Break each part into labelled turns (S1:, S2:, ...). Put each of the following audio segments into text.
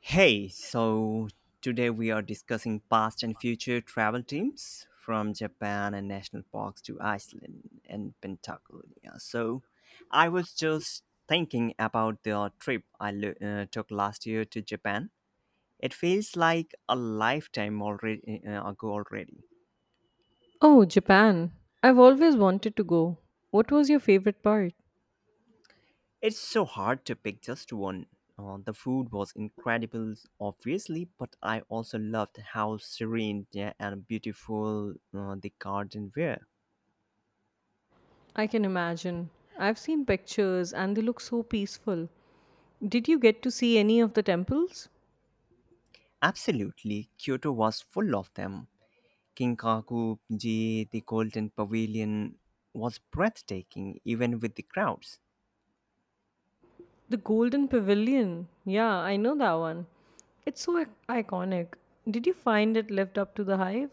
S1: Hey, so today we are discussing past and future travel teams from Japan and national parks to Iceland and Patagonia. So I was just thinking about the trip I took last year to Japan. It feels like a lifetime already ago already.
S2: Oh, Japan. I've always wanted to go. What was your favorite part?
S1: It's so hard to pick just one. The food was incredible, obviously, but I also loved how serene, yeah, and beautiful the garden were.
S2: I can imagine. I've seen pictures and they look so peaceful. Did you get to see any of the temples?
S1: Absolutely, Kyoto was full of them. Kinkaku-ji, the Golden Pavilion, was breathtaking, even with the crowds.
S2: The Golden Pavilion. Yeah, I know that one. It's so iconic. Did you find it lived up to the hype?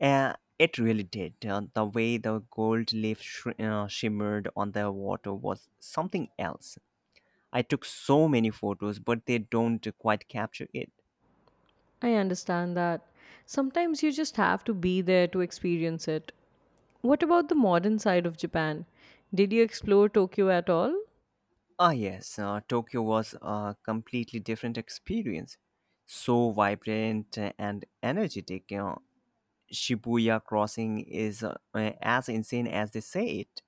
S1: It really did. The way the gold leaf shimmered on the water was something else. I took so many photos, but they don't quite capture it.
S2: I understand that. Sometimes you just have to be there to experience it. What about the modern side of Japan? Did you explore Tokyo at all?
S1: Ah, yes, Tokyo was a completely different experience. So vibrant and energetic. Shibuya crossing is as insane as they say it.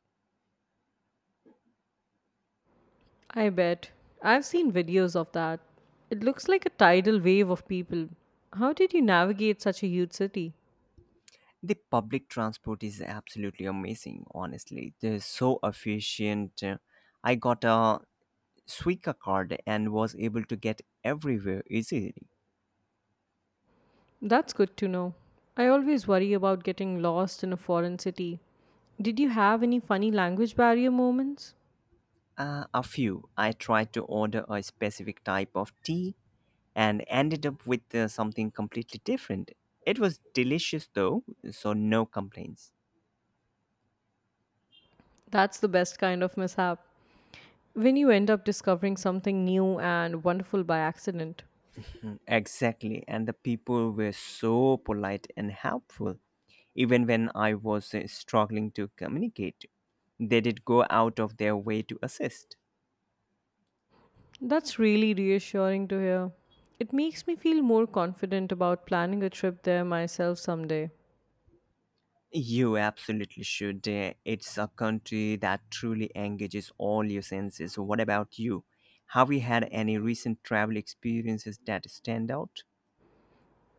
S2: I bet. I've seen videos of that. It looks like a tidal wave of people. How did you navigate such a huge city?
S1: The public transport is absolutely amazing, honestly. They're so efficient. I got a Suica card and was able to get everywhere easily.
S2: That's good to know. I always worry about getting lost in a foreign city. Did you have any funny language barrier moments?
S1: A few. I tried to order a specific type of tea and ended up with something completely different. It was delicious though, so no complaints.
S2: That's the best kind of mishap. When you end up discovering something new and wonderful by accident.
S1: Exactly, and the people were so polite and helpful. Even when I was struggling to communicate, they did go out of their way to assist.
S2: That's really reassuring to hear. It makes me feel more confident about planning a trip there myself someday.
S1: You absolutely should. It's a country that truly engages all your senses. What about you? Have you had any recent travel experiences that stand out?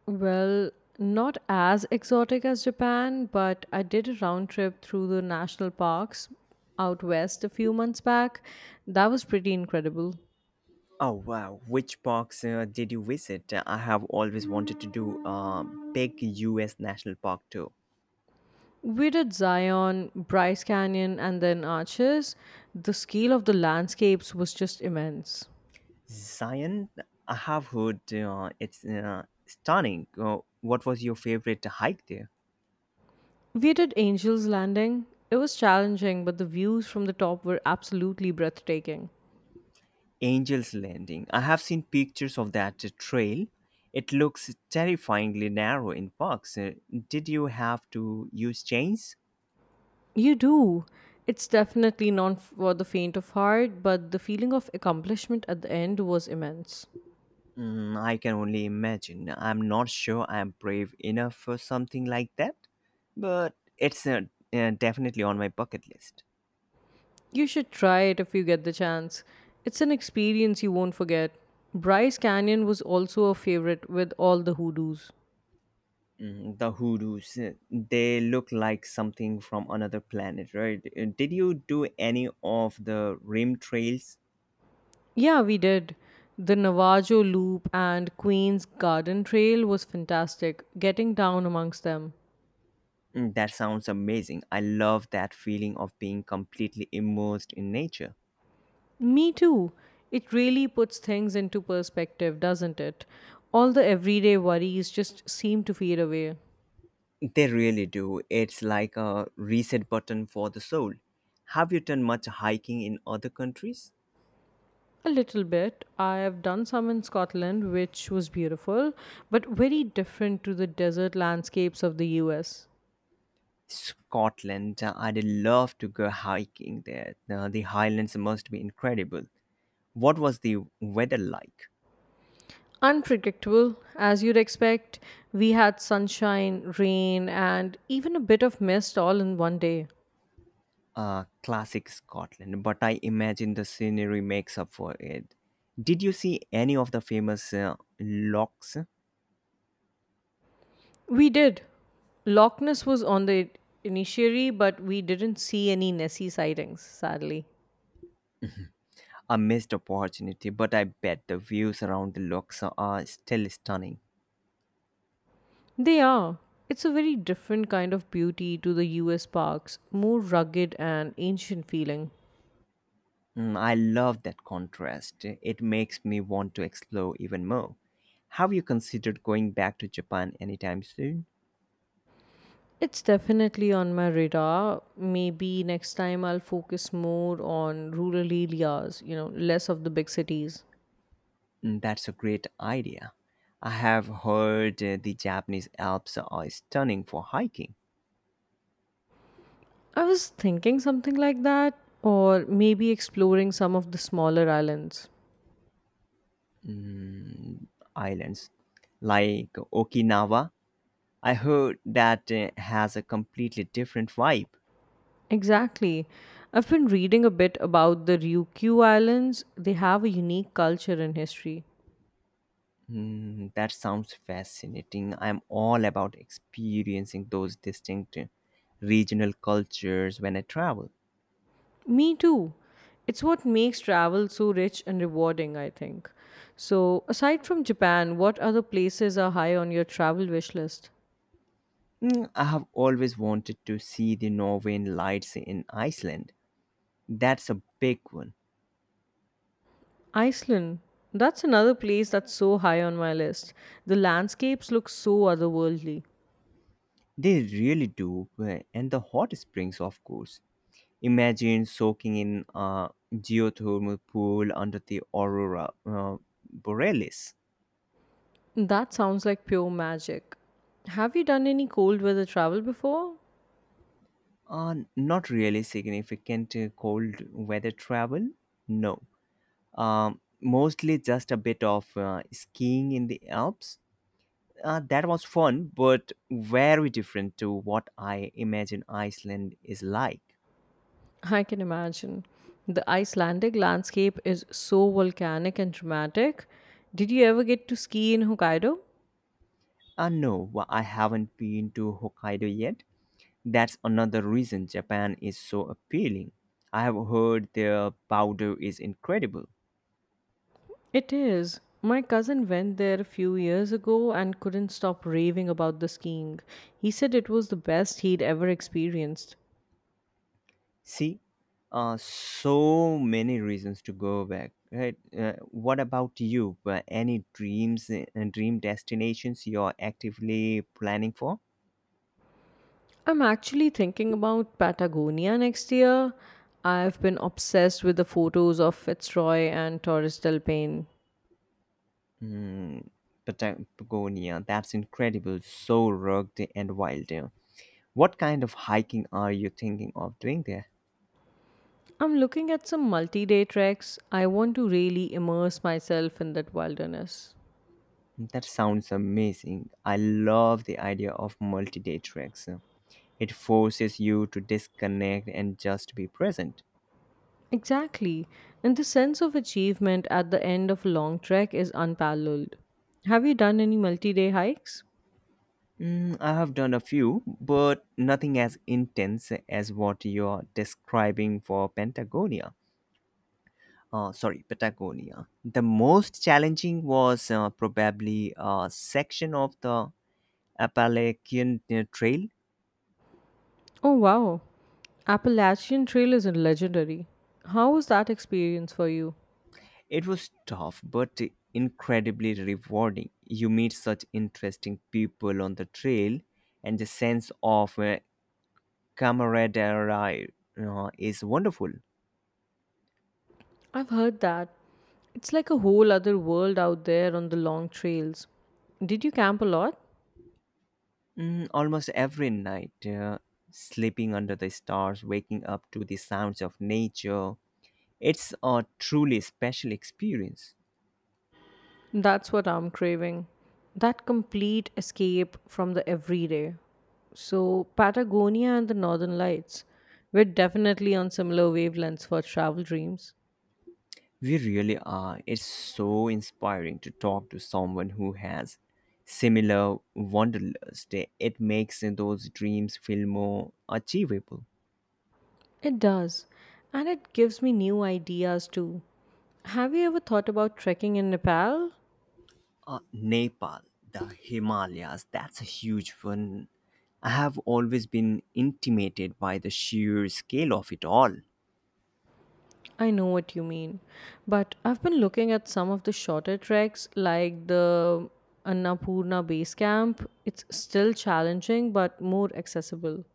S2: Well, not as exotic as Japan, but I did a round trip through the national parks out west a few months back. That was pretty incredible.
S1: Oh wow, which parks did you visit? I have always wanted to do a big US national park tour.
S2: We did Zion, Bryce Canyon, and then Arches. The scale of the landscapes was just immense.
S1: Zion, I have heard it's stunning. What was your favorite hike there?
S2: We did Angel's Landing. It was challenging, but the views from the top were absolutely breathtaking.
S1: Angel's Landing. I have seen pictures of that trail. It looks terrifyingly narrow in parks. Did you have to use chains?
S2: You do. It's definitely not for the faint of heart, but the feeling of accomplishment at the end was immense.
S1: Mm, I can only imagine. I'm not sure I'm brave enough for something like that, but it's definitely on my bucket list.
S2: You should try it if you get the chance. It's an experience you won't forget. Bryce Canyon was also a favorite with all the hoodoos.
S1: Mhm, the hoodoos, they look like something from another planet, right? Did you do any of the rim trails?
S2: Yeah, we did. The Navajo Loop and Queen's Garden Trail was fantastic, getting down amongst them.
S1: Mm, that sounds amazing. I love that feeling of being completely immersed in nature.
S2: Me too. It really puts things into perspective, doesn't it? All the everyday worries just seem to fade away.
S1: They really do. It's like a reset button for the soul. Have you done much hiking in other countries?
S2: A little bit. I have done some in Scotland, which was beautiful, but very different to the desert landscapes of the US.
S1: Scotland, I'd love to go hiking there. The highlands must be incredible. What was the weather like?
S2: Unpredictable, as you'd expect. We had sunshine, rain, and even a bit of mist all in one day.
S1: Classic Scotland, but I imagine the scenery makes up for it. Did you see any of the famous locks?
S2: We did. Loch Ness was on the initiary, but we didn't see any Nessie sightings, sadly.
S1: A missed opportunity, but I bet the views around the locks are still stunning.
S2: They are. It's a very different kind of beauty to the US parks, more rugged and ancient feeling.
S1: Mm, I love that contrast. It makes me want to explore even more. Have you considered going back to Japan anytime soon?
S2: It's definitely on my radar. Maybe next time I'll focus more on rural areas, you know, less of the big cities.
S1: Mm, that's a great idea. I have heard the Japanese Alps are stunning for hiking.
S2: I was thinking something like that, or maybe exploring some of the smaller islands.
S1: Mm, islands like Okinawa. I heard that has a completely different vibe.
S2: Exactly. I've been reading a bit about the Ryukyu Islands. They have a unique culture and history.
S1: Mm, that sounds fascinating. I'm all about experiencing those distinct regional cultures when I travel.
S2: Me too. It's what makes travel so rich and rewarding, I think. So, aside from Japan, what other places are high on your travel wish list?
S1: Mm, I have always wanted to see the Northern Lights in Iceland. That's a big one.
S2: Iceland. That's another place that's so high on my list. The landscapes look so otherworldly.
S1: They really do, and the hot springs, of course. Imagine soaking in a geothermal pool under the aurora borealis.
S2: That sounds like pure magic. Have you done any cold weather travel before?
S1: Not really significant cold weather travel, no. Mostly just a bit of skiing in the Alps. That was fun, but very different to what I imagine Iceland is like.
S2: I can imagine. The Icelandic landscape is so volcanic and dramatic. Did you ever get to ski in Hokkaido?
S1: No, I haven't been to Hokkaido yet. That's another reason Japan is so appealing. I have heard their powder is incredible.
S2: It is. My cousin went there a few years ago and couldn't stop raving about the skiing. He said it was the best he'd ever experienced.
S1: See, so many reasons to go back. Right? What about you? Any dreams and dream destinations you're actively planning for?
S2: I'm actually thinking about Patagonia next year. I've been obsessed with the photos of Fitzroy and Torres del Paine.
S1: Hmm, Patagonia. That's incredible. So rugged and wild. What kind of hiking are you thinking of doing there?
S2: I'm looking at some multi day treks. I want to really immerse myself in that wilderness.
S1: That sounds amazing. I love the idea of multi day treks. It forces you to disconnect and just be present.
S2: Exactly, and the sense of achievement at the end of a long trek is unparalleled. Have you done any multi day hikes?
S1: Mm, I have done a few, but nothing as intense as what you're describing for Patagonia. Sorry, Patagonia. The most challenging was probably a section of the Appalachian Trail.
S2: Oh wow, Appalachian Trail is legendary. How was that experience for you?
S1: It was tough but incredibly rewarding. You meet such interesting people on the trail, and the sense of, camaraderie, is wonderful.
S2: I've heard that. It's like a whole other world out there on the long trails. Did you camp a lot?
S1: Mm, almost every night, sleeping under the stars, waking up to the sounds of nature, it's a truly special experience.
S2: That's what I'm craving. That complete escape from the everyday. So, Patagonia and the Northern Lights. We're definitely on similar wavelengths for travel dreams.
S1: We really are. It's so inspiring to talk to someone who has similar wanderlust. It makes those dreams feel more achievable.
S2: It does. And it gives me new ideas too. Have you ever thought about trekking in Nepal?
S1: Nepal, the Himalayas, that's a huge one. I have always been intimidated by the sheer scale of it all.
S2: I know what you mean, but I've been looking at some of the shorter treks like the Annapurna Base Camp. It's still challenging but more accessible.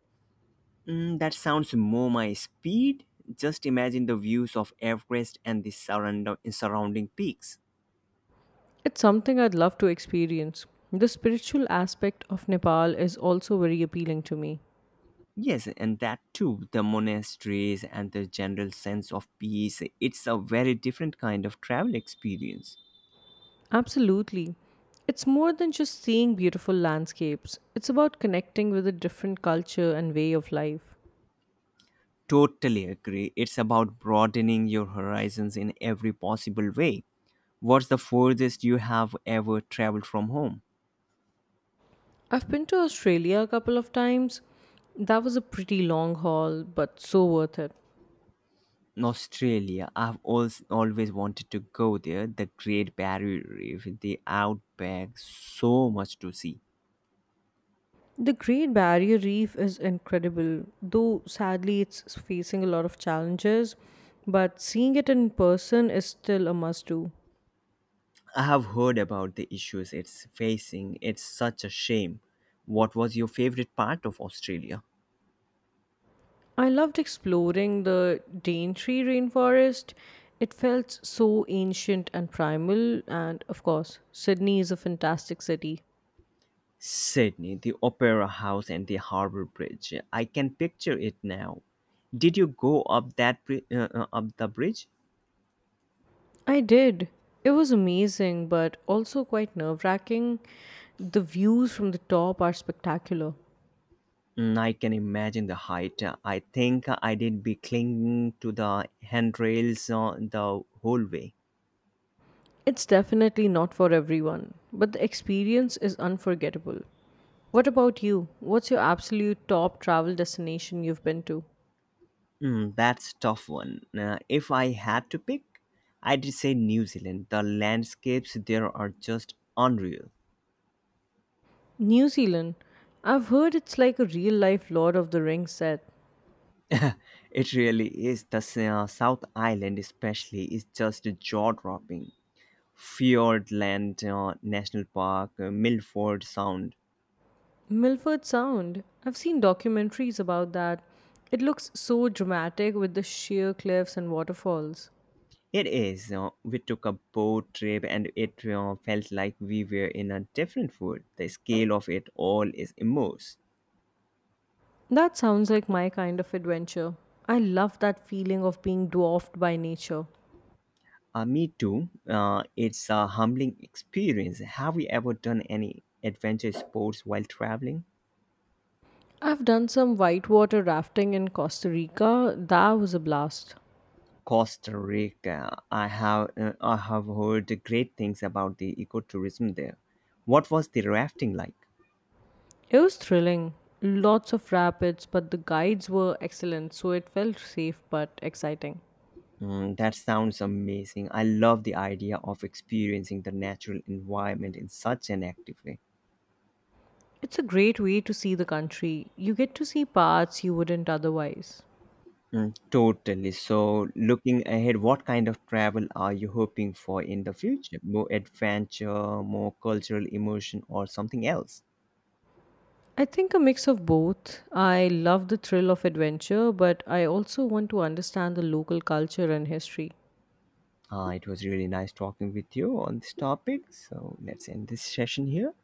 S1: Mm, that sounds more my speed. Just imagine the views of Everest and the surrounding peaks.
S2: It's something I'd love to experience. The spiritual aspect of Nepal is also very appealing to me.
S1: Yes, and that too, the monasteries and the general sense of peace, it's a very different kind of travel experience.
S2: Absolutely. It's more than just seeing beautiful landscapes, it's about connecting with a different culture and way of life.
S1: Totally agree. It's about broadening your horizons in every possible way. What's the furthest you have ever traveled from home?
S2: I've been to Australia a couple of times. That was a pretty long haul, but so worth it.
S1: Australia. I've always, always wanted to go there. The Great Barrier Reef, the outback, so much to see.
S2: The Great Barrier Reef is incredible, though sadly it's facing a lot of challenges, but seeing it in person is still a must do.
S1: I have heard about the issues it's facing. It's such a shame. What was your favorite part of Australia?
S2: I loved exploring the Daintree rainforest. It felt so ancient and primal, and of course, Sydney is a fantastic city.
S1: Sydney, the Opera House, and the Harbour Bridge. I can picture it now. Did you go up that up the bridge?
S2: I did. It was amazing, but also quite nerve wracking. The views from the top are spectacular.
S1: Mm, I can imagine the height. I think I did be clinging to the handrails the whole way.
S2: It's definitely not for everyone, but the experience is unforgettable. What about you? What's your absolute top travel destination you've been to?
S1: Mm, that's tough one. If I had to pick, I'd say New Zealand. The landscapes there are just unreal.
S2: New Zealand. I've heard it's like a real life Lord of the Rings set.
S1: It really is. The South Island, especially, is just jaw dropping. Fiordland National Park, Milford Sound.
S2: Milford Sound. I've seen documentaries about that. It looks so dramatic with the sheer cliffs and waterfalls.
S1: It is. We took a boat trip and it felt like we were in a different world. The scale of it all is immense.
S2: That sounds like my kind of adventure. I love that feeling of being dwarfed by nature.
S1: Me too. It's a humbling experience. Have you ever done any adventure sports while traveling?
S2: I've done some whitewater rafting in Costa Rica. That was a blast.
S1: Costa Rica. I have heard great things about the ecotourism there. What was the rafting like?
S2: It was thrilling. Lots of rapids, but the guides were excellent, so it felt safe but exciting.
S1: Mm, that sounds amazing. I love the idea of experiencing the natural environment in such an active way.
S2: It's a great way to see the country. You get to see parts you wouldn't otherwise.
S1: Mm, totally. So, looking ahead, what kind of travel are you hoping for in the future? More adventure, more cultural immersion, or something else?
S2: I think a mix of both. I love the thrill of adventure, but I also want to understand the local culture and history.
S1: It was really nice talking with you on this topic. So, let's end this session here.